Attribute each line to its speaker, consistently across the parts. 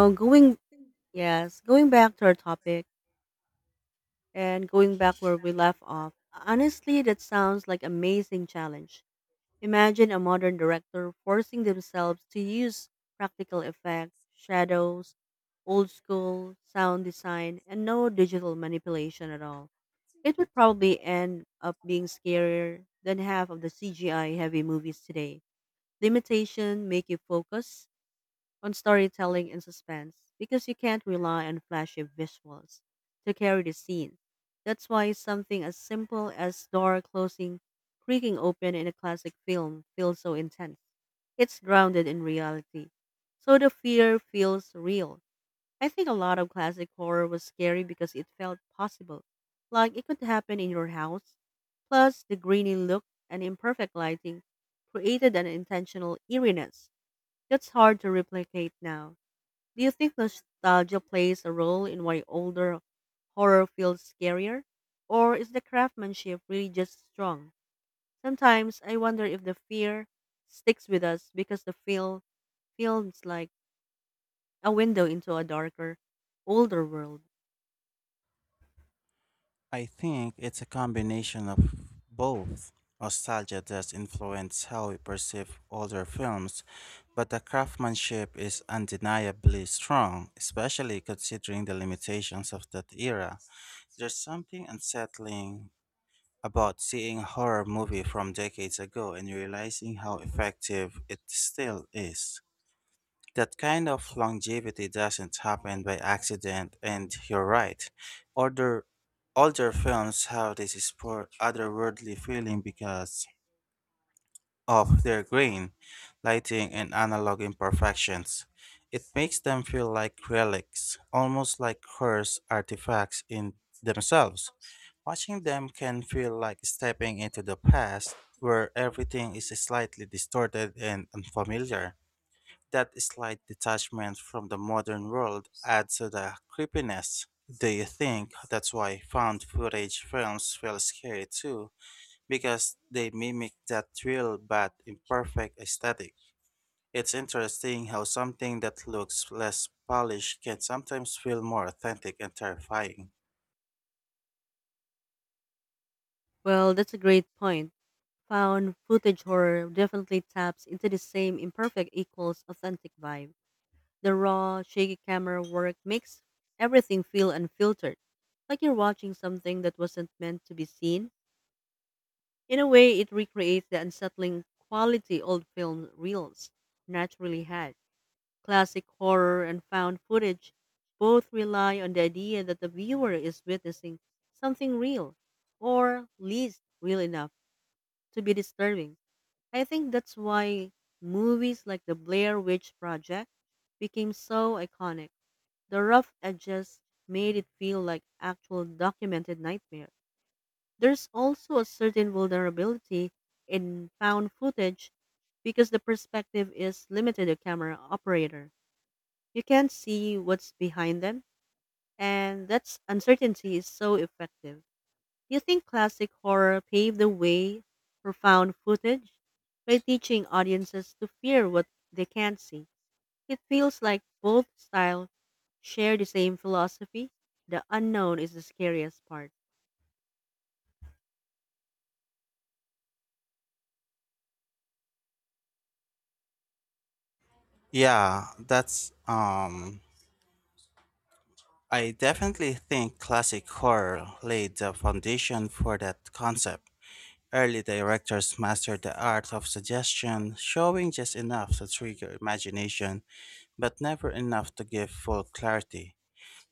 Speaker 1: So going yes, going back to our topic and going back where we left off. Honestly, that sounds like amazing challenge. Imagine a modern director forcing themselves to use practical effects, shadows, old school sound design, and no digital manipulation at all. It would probably end up being scarier than half of the CGI heavy movies today. Limitation make you focus on storytelling and suspense because you can't rely on flashy visuals to carry the scene. That's why something as simple as door closing, creaking open in a classic film feels so intense. It's grounded in reality. So the fear feels real. I think a lot of classic horror was scary because it felt possible, like it could happen in your house. Plus, the grainy look and imperfect lighting created an intentional eeriness that's hard to replicate now. Do you think nostalgia plays a role in why older horror feels scarier? Or is the craftsmanship really just strong? Sometimes I wonder if the fear sticks with us because the feels like a window into a darker, older world.
Speaker 2: I think it's a combination of both. Nostalgia does influence how we perceive older films, but the craftsmanship is undeniably strong, especially considering the limitations of that era. There's something unsettling about seeing a horror movie from decades ago and realizing how effective it still is. That kind of longevity doesn't happen by accident, and you're right. Older, older films have this sport otherworldly feeling because of their grain, lighting, and analog imperfections. It makes them feel like relics, almost like cursed artifacts in themselves. Watching them can feel like stepping into the past where everything is slightly distorted and unfamiliar. That slight detachment from the modern world adds to the creepiness. Do you think that's why found footage films feel scary too? Because they mimic that real but imperfect aesthetic. It's interesting how something that looks less polished can sometimes feel more authentic and terrifying.
Speaker 1: Well, that's a great point. Found footage horror definitely taps into the same imperfect equals authentic vibe. The raw, shaky camera work makes everything feel unfiltered, like you're watching something that wasn't meant to be seen. In a way, it recreates the unsettling quality old film reels naturally had. Classic horror and found footage both rely on the idea that the viewer is witnessing something real, or least real enough to be disturbing. I think that's why movies like The Blair Witch Project became so iconic, the rough edges made it feel like actual documented nightmare. There's also a certain vulnerability in found footage because the perspective is limited to camera operator. You can't see what's behind them, and that's uncertainty is so effective. Do you think classic horror paved the way for found footage by teaching audiences to fear what they can't see? It feels like both styles share the same philosophy. The unknown is the scariest part.
Speaker 2: Yeah, that's I definitely think classic horror laid the foundation for that concept. Early directors mastered the art of suggestion, showing just enough to trigger imagination, but never enough to give full clarity.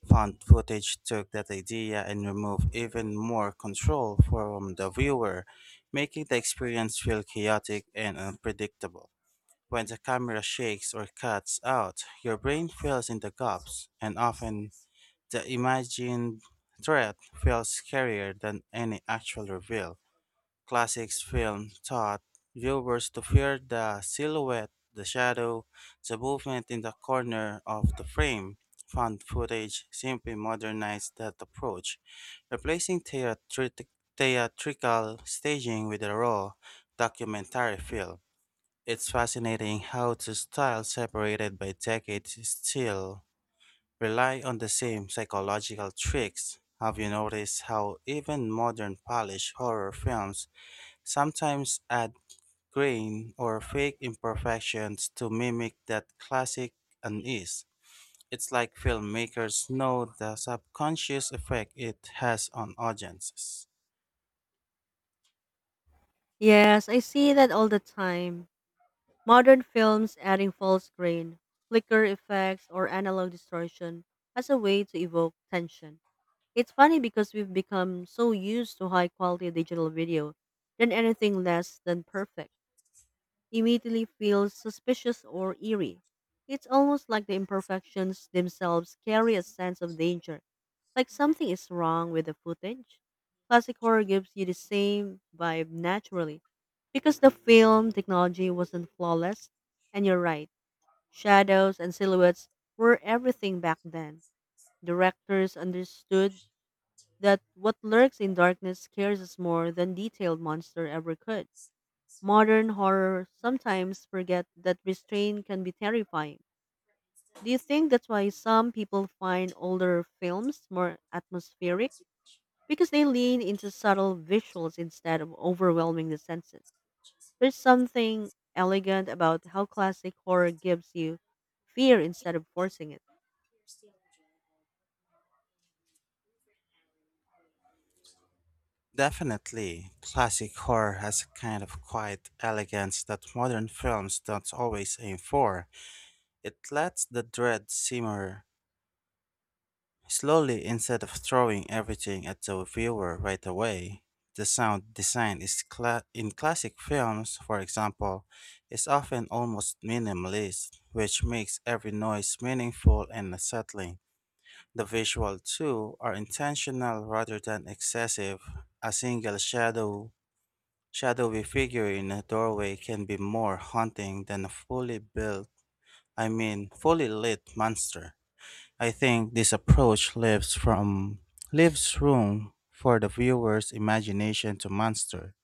Speaker 2: Found footage took that idea and removed even more control from the viewer, making the experience feel chaotic and unpredictable. When the camera shakes or cuts out, your brain fills in the gaps, and often the imagined threat feels scarier than any actual reveal. Classics film taught viewers to fear the silhouette, the shadow, the movement in the corner of the frame. Found footage simply modernized that approach, replacing theatrical staging with a raw documentary film. It's fascinating how two styles separated by decades still rely on the same psychological tricks. Have you noticed how even modern Polish horror films sometimes add grain or fake imperfections to mimic that classic unease? It's like filmmakers know the subconscious effect it has on audiences.
Speaker 1: Yes, I see that all the time. Modern films adding full screen, flicker effects, or analog distortion as a way to evoke tension. It's funny because we've become so used to high quality digital video than anything less than perfect. Immediately feels suspicious or eerie. It's almost like the imperfections themselves carry a sense of danger, like something is wrong with the footage. Classic horror gives you the same vibe naturally because the film technology wasn't flawless. And you're right, shadows and silhouettes were everything back then. Directors understood that what lurks in darkness scares us more than detailed monster ever could. Modern horror sometimes forget that restraint can be terrifying. Do you think that's why some people find older films more atmospheric? Because they lean into subtle visuals instead of overwhelming the senses. There's something elegant about how classic horror gives you fear instead of forcing it.
Speaker 2: Definitely, classic horror has a kind of quiet elegance that modern films don't always aim for. It lets the dread simmer slowly. Instead of throwing everything at the viewer right away, the sound design in classic films, for example, is often almost minimalist, which makes every noise meaningful and unsettling. The visual too are intentional rather than excessive. A shadowy figure in a doorway can be more haunting than a fully lit monster. I think this approach leaves room for the viewer's imagination to monster.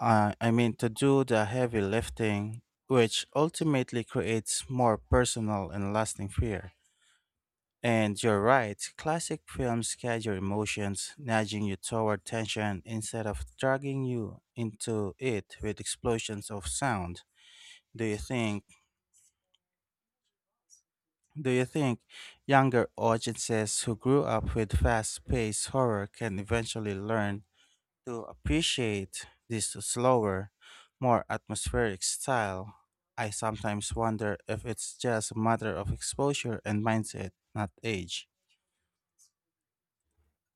Speaker 2: I mean to do the heavy lifting, which ultimately creates more personal and lasting fear. And you're right, classic films guide your emotions, nudging you toward tension instead of dragging you into it with explosions of sound. Do you think Do you think younger audiences who grew up with fast paced horror can eventually learn to appreciate this slower, more atmospheric style? I sometimes wonder if it's just a matter of exposure and mindset, not age.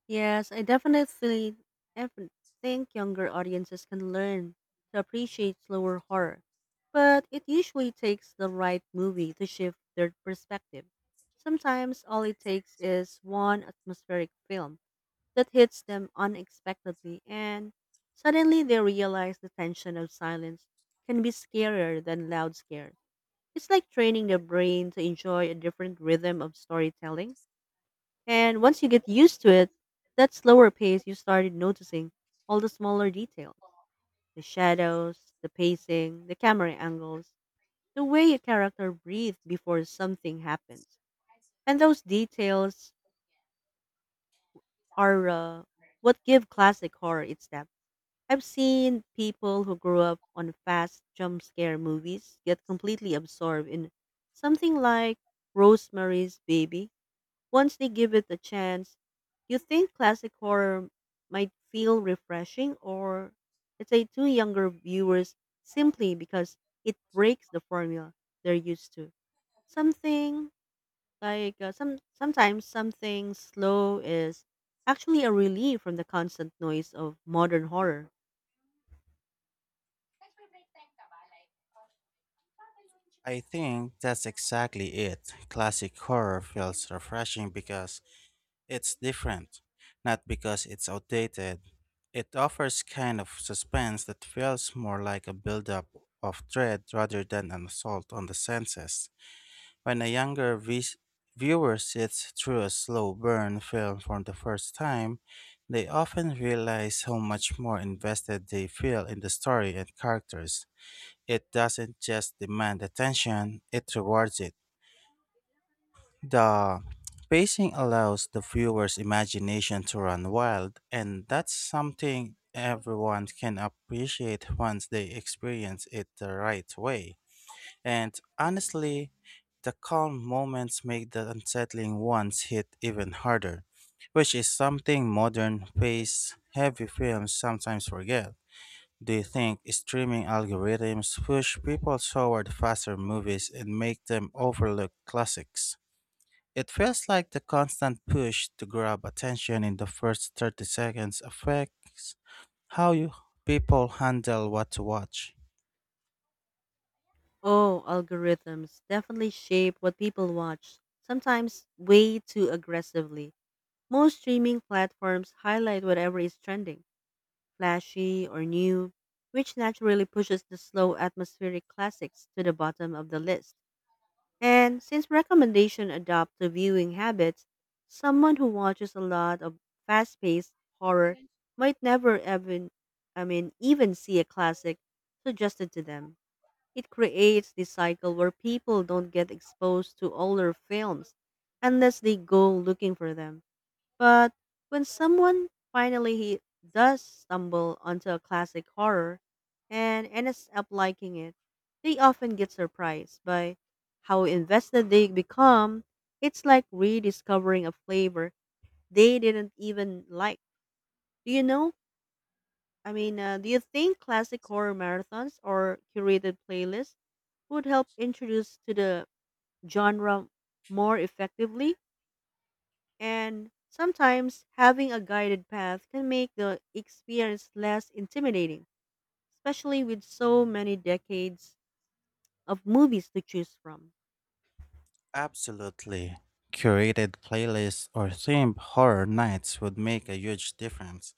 Speaker 1: Yes, I definitely ev- think younger audiences can learn to appreciate slower horror, but it usually takes the right movie to shift their perspective. Sometimes all it takes is one atmospheric film that hits them unexpectedly, and suddenly they realize the tension of silence can be scarier than loud scares. It's like training their brain to enjoy a different rhythm of storytelling. And once you get used to it, that slower pace, you started noticing all the smaller details, the shadows, the pacing, the camera angles, the way a character breathes before something happens. And those details are what give classic horror its depth. I've seen people who grew up on fast jump scare movies get completely absorbed in something like Rosemary's Baby. Once they give it a chance, you think classic horror might feel refreshing or let's say to younger viewers simply because it breaks the formula they're used to. Something like sometimes something slow is actually a relief from the constant noise of modern horror.
Speaker 2: I think that's exactly it. Classic horror feels refreshing because it's different, not because it's outdated. It offers kind of suspense that feels more like a buildup of dread rather than an assault on the senses. When a viewer sits through a slow burn film for the first time, they often realize how much more invested they feel in the story and characters. It doesn't just demand attention, it rewards it. The pacing allows the viewer's imagination to run wild, and that's something everyone can appreciate once they experience it the right way. And honestly, the calm moments make the unsettling ones hit even harder, which is something modern pace heavy films sometimes forget. Do you think streaming algorithms push people toward faster movies and make them overlook classics? It feels like the constant push to grab attention in the first 30 seconds affects how you people handle what to watch.
Speaker 1: Oh, algorithms definitely shape what people watch, sometimes way too aggressively. Most streaming platforms highlight whatever is trending flashy, or new, which naturally pushes the slow atmospheric classics to the bottom of the list. And since recommendation adopt to viewing habits, someone who watches a lot of fast-paced horror might never even even see a classic suggested to them. It creates this cycle where people don't get exposed to older films unless they go looking for them. But when someone finally he does stumble onto a classic horror and ends up liking it, they often get surprised by how invested they become. It's like rediscovering a flavor they didn't even like. Do you know? I mean, do you think classic horror marathons or curated playlists would help introduce to the genre more effectively? And sometimes having a guided path can make the experience less intimidating, especially with so many decades of movies to choose from.
Speaker 2: Absolutely. Curated playlists or themed horror nights would make a huge difference.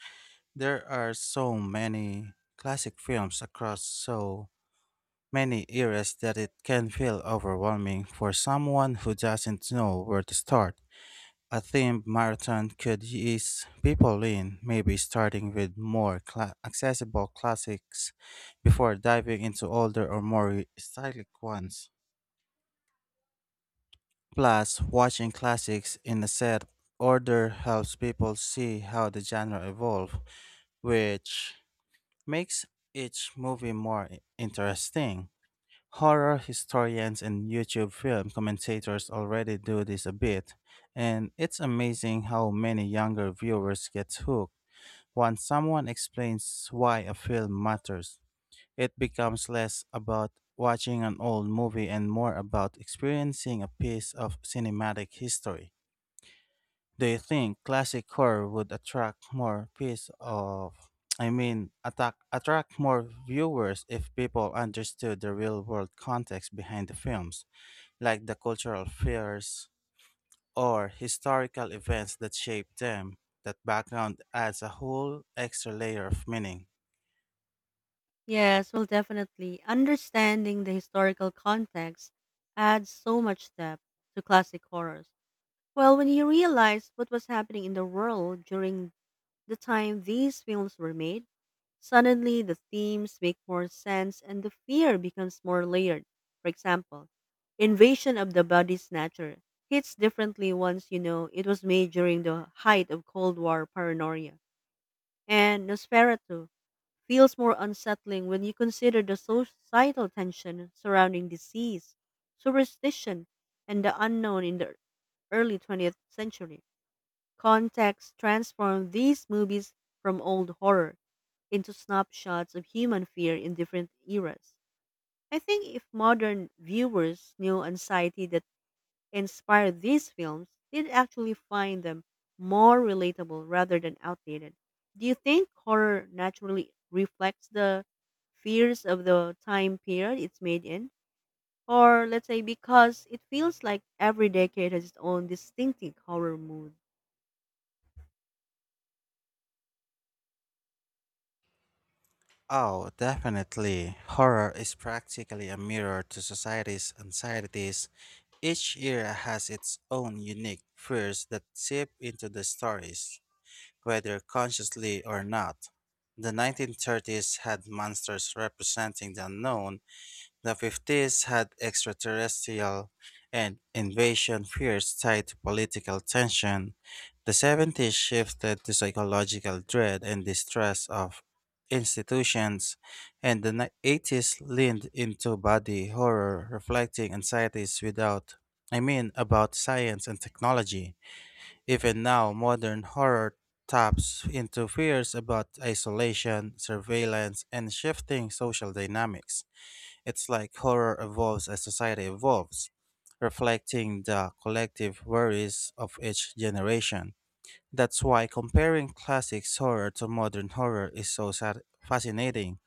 Speaker 2: There are so many classic films across so many eras that it can feel overwhelming for someone who doesn't know where to start. A themed marathon could ease people in, maybe starting with more cla accessible classics before diving into older or more re- stylic ones. Plus, watching classics in a set order helps people see how the genre evolved, which makes each movie interesting. Horror historians and YouTube film commentators already do this a bit, and it's amazing how many younger viewers get hooked. Once someone explains why a film matters, it becomes less about watching an old movie and more about experiencing a piece of cinematic history. Do you think classic horror would attract more piece of I mean attack attract more viewers if people understood the real world context behind the films, like the cultural fears or historical events that shaped them? That background adds a whole extra layer of meaning.
Speaker 1: Yes, well, definitely. Understanding the historical context adds so much depth to classic horrors. Well, when you realize what was happening in the world during the time these films were made, suddenly, the themes make more sense and the fear becomes more layered. For example, invasion of the body's nature hits differently once you know it was made during the height of Cold War paranoia. And Nosferatu feels more unsettling when you consider the societal tension surrounding disease, superstition, and the unknown in the early 20th century. Context transformed these movies from old horror into snapshots of human fear in different eras. I think if modern viewers knew anxiety that inspired these films, they'd actually find them more relatable rather than outdated. Do you think horror naturally reflects the fears of the time period it's made in? Or let's say because it feels like every decade has its own distinctive horror mood.
Speaker 2: Oh, definitely. Horror is practically a mirror to society's anxieties. Each era has its own unique fears that seep into the stories, whether consciously or not. The 1930s had monsters representing the unknown, the 50s had extraterrestrial and invasion fears tied to political tension, the 70s shifted to psychological dread and distrust of institutions, and the 80s leaned into body horror, reflecting anxieties without, I mean, about science and technology. Even now, modern horror taps into fears about isolation, surveillance, and shifting social dynamics. It's like horror evolves as society evolves, reflecting the collective worries of each generation. That's why comparing classics horror to modern horror is so fascinating.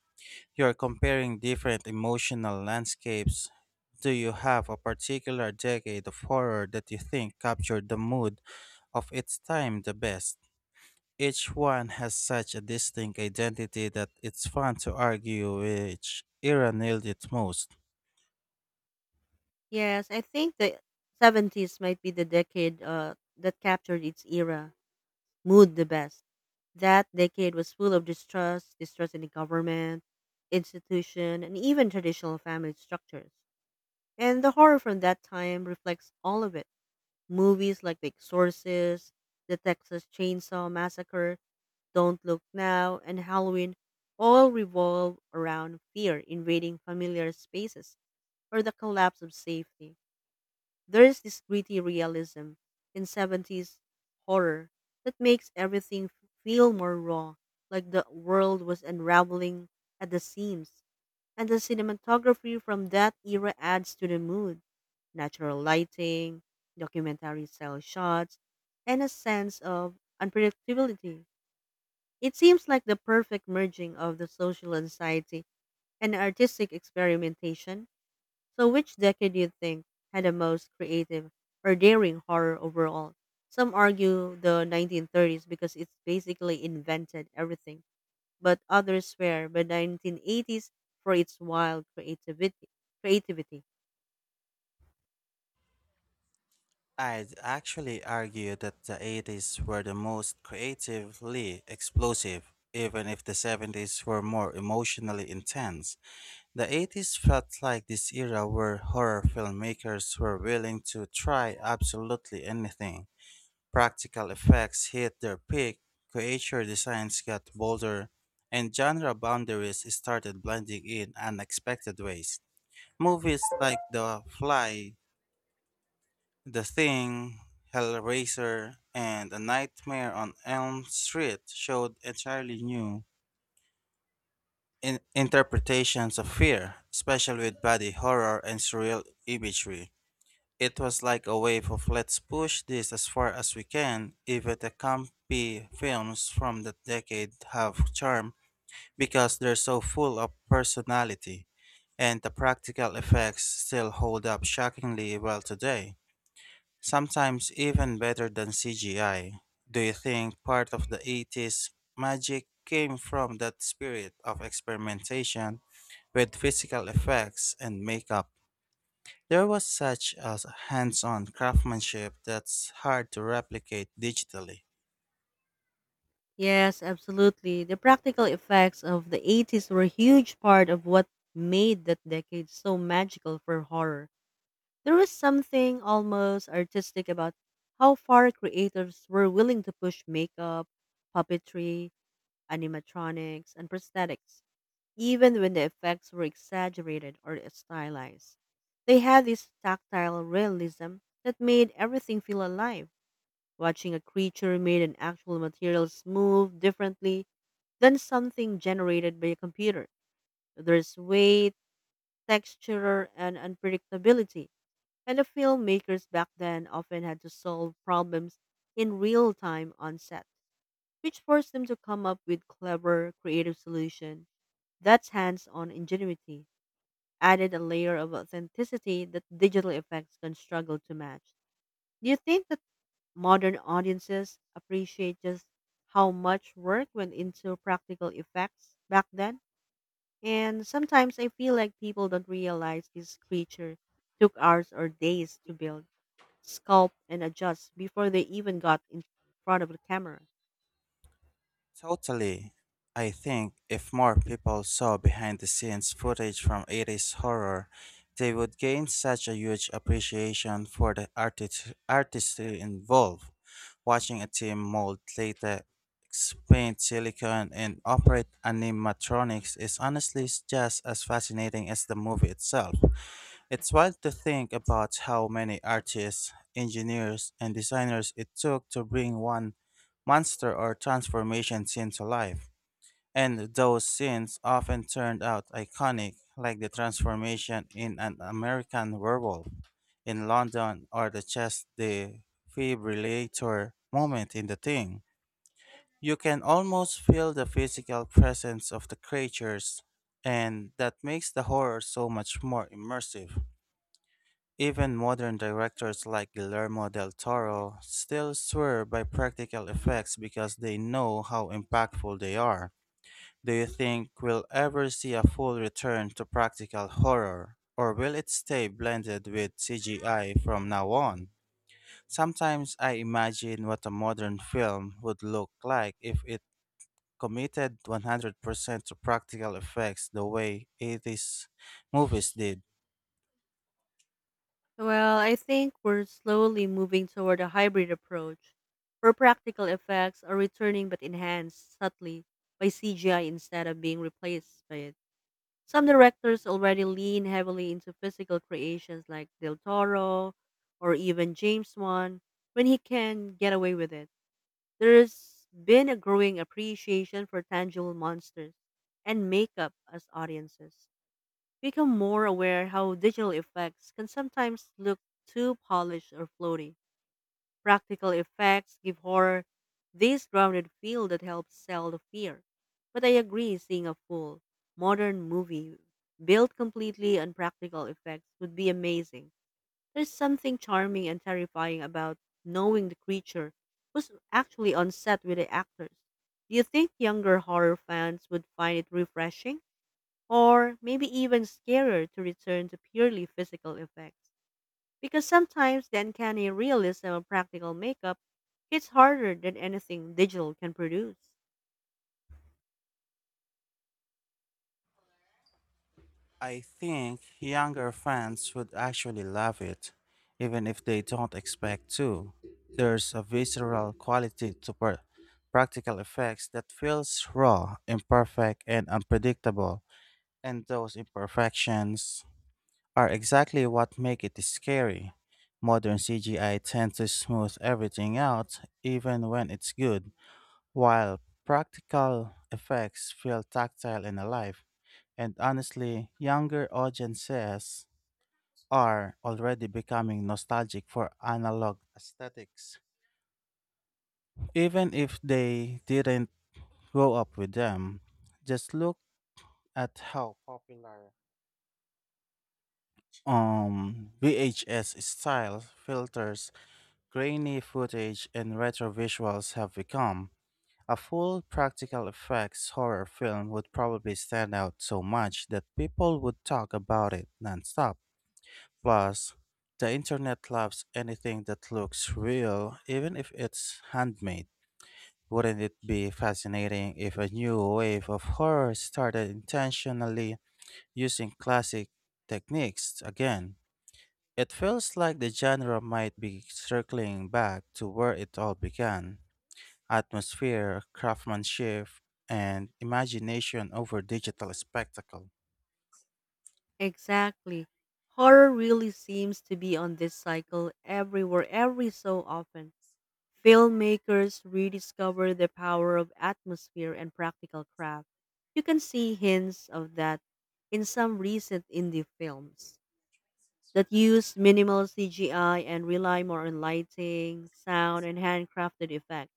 Speaker 2: You're comparing different emotional landscapes. Do you have a particular decade of horror that you think captured the mood of its time the best? Each one has such a distinct identity that it's fun to argue which era nailed it most.
Speaker 1: Yes, I think the 70s might be the decade that captured its era mood the best. That decade was full of distrust in the government, institution, and even traditional family structures. And the horror from that time reflects all of it. Movies like The Exorcist, The Texas Chainsaw Massacre, Don't Look Now, and Halloween all revolve around fear invading familiar spaces or the collapse of safety. There is this gritty realism in 70s horror that makes everything feel more raw, like the world was unraveling at the seams. And the cinematography from that era adds to the mood. Natural lighting, documentary style shots, and a sense of unpredictability. It seems like the perfect merging of the social anxiety and artistic experimentation so, which decade do you think had the most creative or daring horror overall? Some argue the 1930s because it's basically invented everything, but others swear by 1980s for its wild creativity. Creativity.
Speaker 2: I'd actually argue that the 80s were the most creatively explosive, even if the 70s were more emotionally intense. The 80s felt like this era where horror filmmakers were willing to try absolutely anything. Practical effects hit their peak, creature designs got bolder, and genre boundaries started blending in unexpected ways. Movies like The Fly, The Thing, Hellraiser, and A Nightmare on Elm Street showed entirely new interpretations of fear, especially with body horror and surreal imagery. It was like a wave of let's push this as far as we can. Even the campy films from that decade have charm because they're so full of personality, and the practical effects still hold up shockingly well today, sometimes even better than CGI. Do you think part of the 80s magic came from that spirit of experimentation with physical effects and makeup? There was such a hands on craftsmanship that's hard to replicate digitally.
Speaker 1: Yes, absolutely. The practical effects of the 80s were a huge part of what made that decade so magical for horror. There was something almost artistic about how far creators were willing to push makeup, puppetry, animatronics, and prosthetics, even when the effects were exaggerated or stylized. They had this tactile realism that made everything feel alive. Watching a creature made in actual materials move differently than something generated by a computer. There's weight, texture, and unpredictability and the filmmakers back then often had to solve problems in real time on set, which forced them to come up with clever, creative solutions. That's hands on ingenuity, added a layer of authenticity that digital effects can struggle to match. Do you think that modern audiences appreciate just how much work went into practical effects back then? And sometimes I feel like people don't realize this creature took hours or days to build sculpt, and adjust before they even got in front of the camera.
Speaker 2: Totally. I think if more people saw behind the scenes footage from 80s horror, they would gain such a huge appreciation for the artistry involved. Watching a team mold latex, paint silicone, and operate animatronics is honestly just as fascinating as the movie itself. It's wild to think about how many artists, engineers, and designers it took to bring one monster or transformation scene to life. And those scenes often turned out iconic, like the transformation in an American werewolf in London or the chest defibrillator moment in the thing. You can almost feel the physical presence of the creatures, and that makes the horror so much more immersive. Even modern directors like Guillermo del Toro still swear by practical effects because they know how impactful they are. Do you think we'll ever see a full return to practical horror? Or will it stay blended with CGI from now on? Sometimes I imagine what a modern film would look like if it committed 100% to practical effects the way 80s movies did.
Speaker 1: Well, I think we're slowly moving toward a hybrid approach where practical effects are returning but enhanced subtly by CGI instead of being replaced by it. Some directors already lean heavily into physical creations like Del Toro or even James Wan when he can get away with it. There's been a growing appreciation for tangible monsters and makeup as audiences. Become more aware how digital effects can sometimes look too polished or floaty. Practical effects give horror this grounded feel that helps sell the fear. But I agree, seeing a full, modern movie built completely on practical effects would be amazing. There's something charming and terrifying about knowing the creature was actually on set with the actors. Do you think younger horror fans would find it refreshing? Or maybe even scarier to return to purely physical effects. Because sometimes the uncanny realism of practical makeup hits harder than anything digital can produce.
Speaker 2: I think younger fans would actually love it, even if they don't expect to. There's a visceral quality to practical effects that feels raw, imperfect, and unpredictable, and those imperfections are exactly what make it scary. Modern CGI tends to smooth everything out, even when it's good. While practical effects feel tactile and alive, and honestly, younger audiences are already becoming nostalgic for analog aesthetics. Even if they didn't grow up with them, just look at how popular VHS style filters, grainy footage, and retro visuals have become. A full practical effects horror film would probably stand out so much that people would talk about it nonstop. Plus, the internet loves anything that looks real, even if it's handmade. Wouldn't it be fascinating if a new wave of horror started intentionally using classic techniques again? It feels like the genre might be circling back to where it all began, atmosphere, craftsmanship, and imagination over digital spectacle.
Speaker 1: Exactly. Horror really seems to be on this cycle everywhere, every so often. Filmmakers rediscover the power of atmosphere and practical craft. You can see hints of that in some recent indie films. That use minimal CGI and rely more on lighting, sound, and handcrafted effects.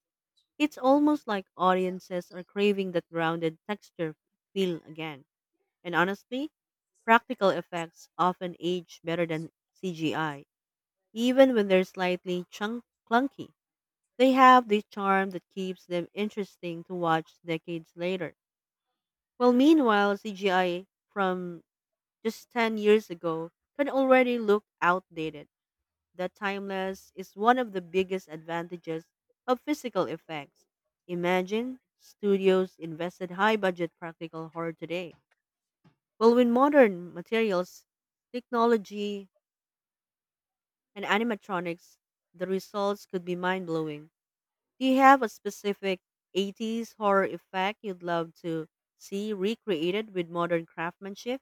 Speaker 1: It's almost like audiences are craving that grounded texture feel again. And honestly, practical effects often age better than CGI, even when they're slightly clunky. They have the charm that keeps them interesting to watch decades later. Well, meanwhile, CGI from just 10 years ago can already look outdated. That timeless is one of the biggest advantages of physical effects. Imagine studios invested high budget practical horror today. Well, with modern materials, technology, and animatronics, the results could be mind blowing. Do you have a specific 80s horror effect you'd love to see recreated with modern craftsmanship?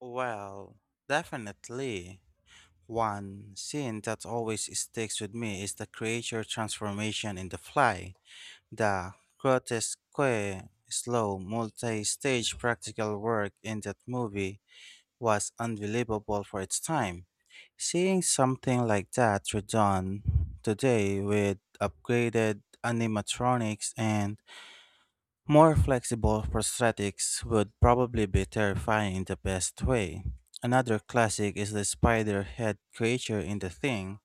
Speaker 2: Well, definitely. One scene that always sticks with me is the creature transformation in The Fly. The grotesque, slow, multi stage practical work in that movie was unbelievable for its time. Seeing something like that redone today with upgraded animatronics and more flexible prosthetics would probably be terrifying in the best way. Another classic is the spider head creature in The Thing.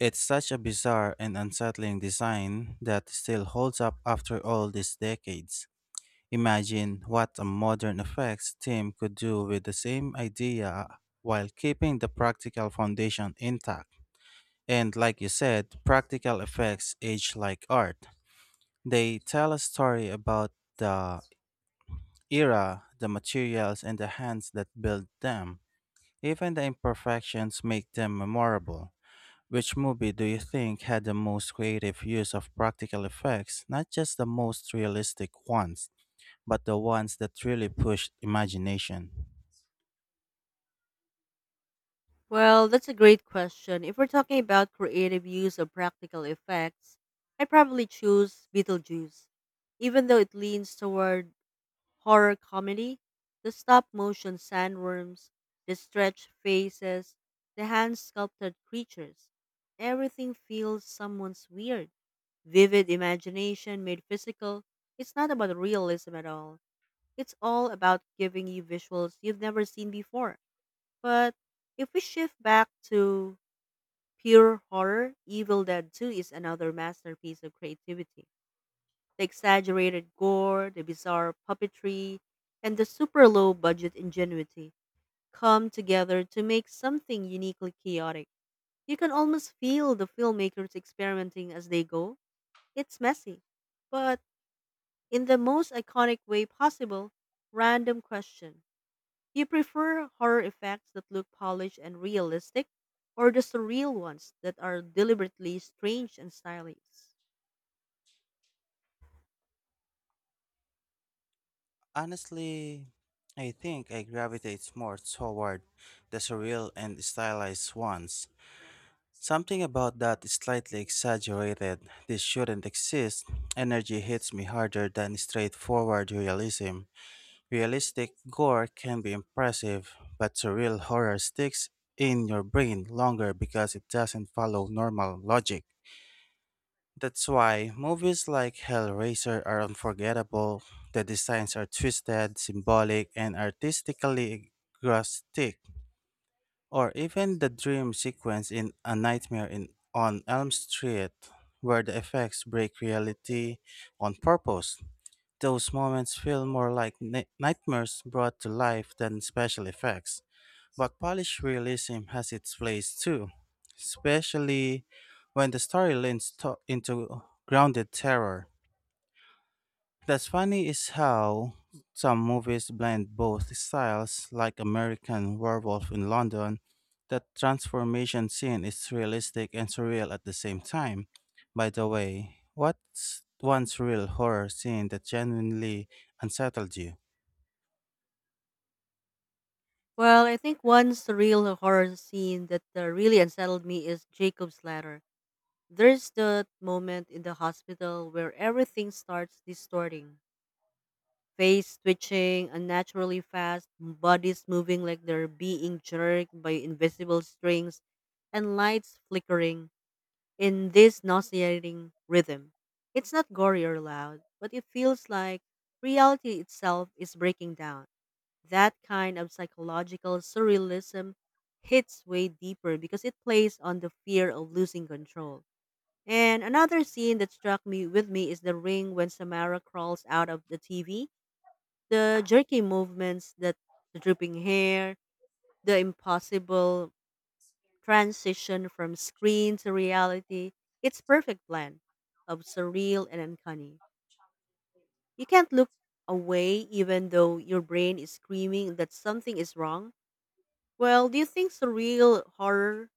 Speaker 2: It's such a bizarre and unsettling design that still holds up after all these decades. Imagine what a modern effects team could do with the same idea while keeping the practical foundation intact. And like you said, practical effects age like art. They tell a story about the era, the materials, and the hands that built them. Even the imperfections make them memorable. Which movie do you think had the most creative use of practical effects, not just the most realistic ones, but the ones that really pushed imagination?
Speaker 1: Well, that's a great question. If we're talking about creative use of practical effects, I probably choose Beetlejuice. Even though it leans toward horror comedy, the stop motion sandworms, the stretched faces, the hand sculpted creatures, everything feels someone's weird. Vivid imagination made physical. It's not about realism at all. It's all about giving you visuals you've never seen before. But if we shift back to pure horror, Evil Dead 2 is another masterpiece of creativity. The exaggerated gore, the bizarre puppetry, and the super low budget ingenuity come together to make something uniquely chaotic. You can almost feel the filmmakers experimenting as they go. It's messy, but in the most iconic way possible. Random question, do you prefer horror effects that look polished and realistic, or the surreal ones that are deliberately strange and stylish?
Speaker 2: Honestly, I think I gravitate more toward the surreal and stylized ones. Something about that is slightly exaggerated. This shouldn't exist. Energy hits me harder than straightforward realism. Realistic gore can be impressive, but surreal horror sticks in your brain longer because it doesn't follow normal logic. That's why movies like Hellraiser are unforgettable. The designs are twisted, symbolic, and artistically grotesque. Or even the dream sequence in A Nightmare on Elm Street, where the effects break reality on purpose. Those moments feel more like nightmares brought to life than special effects. But polished realism has its place too, especially when the story into grounded terror. That's funny is how some movies blend both styles, like American Werewolf in London. That transformation scene is realistic and surreal at the same time. By the way, what's one surreal horror scene that genuinely unsettled you?
Speaker 1: Well, I think one surreal horror scene that really unsettled me is Jacob's Ladder. There's the moment in the hospital where everything starts distorting. Face twitching unnaturally fast, bodies moving like they're being jerked by invisible strings, and lights flickering. In this nauseating rhythm. It's not gory or loud, but it feels like reality itself is breaking down. That kind of psychological surrealism hits way deeper because it plays on the fear of losing control. And another scene that struck me with me is the ring when Samara crawls out of the TV. The jerky movements, that the dripping hair, the impossible transition from screen to reality, it's perfect blend of surreal and uncanny. You can't look away even though your brain is screaming that something is wrong. Well, do you think surreal horror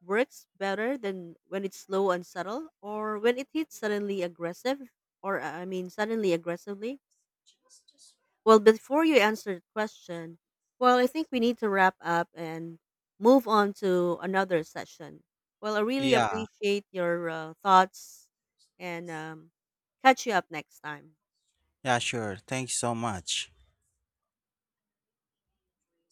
Speaker 1: works better than when it's slow and subtle or when it hits suddenly aggressive or suddenly aggressively? Well, before you answer the question, well, I think we need to wrap up and move on to another session. Well, I really
Speaker 2: Yeah,
Speaker 1: appreciate your thoughts and catch you up next time.
Speaker 2: yeah, sure. Thanks so much.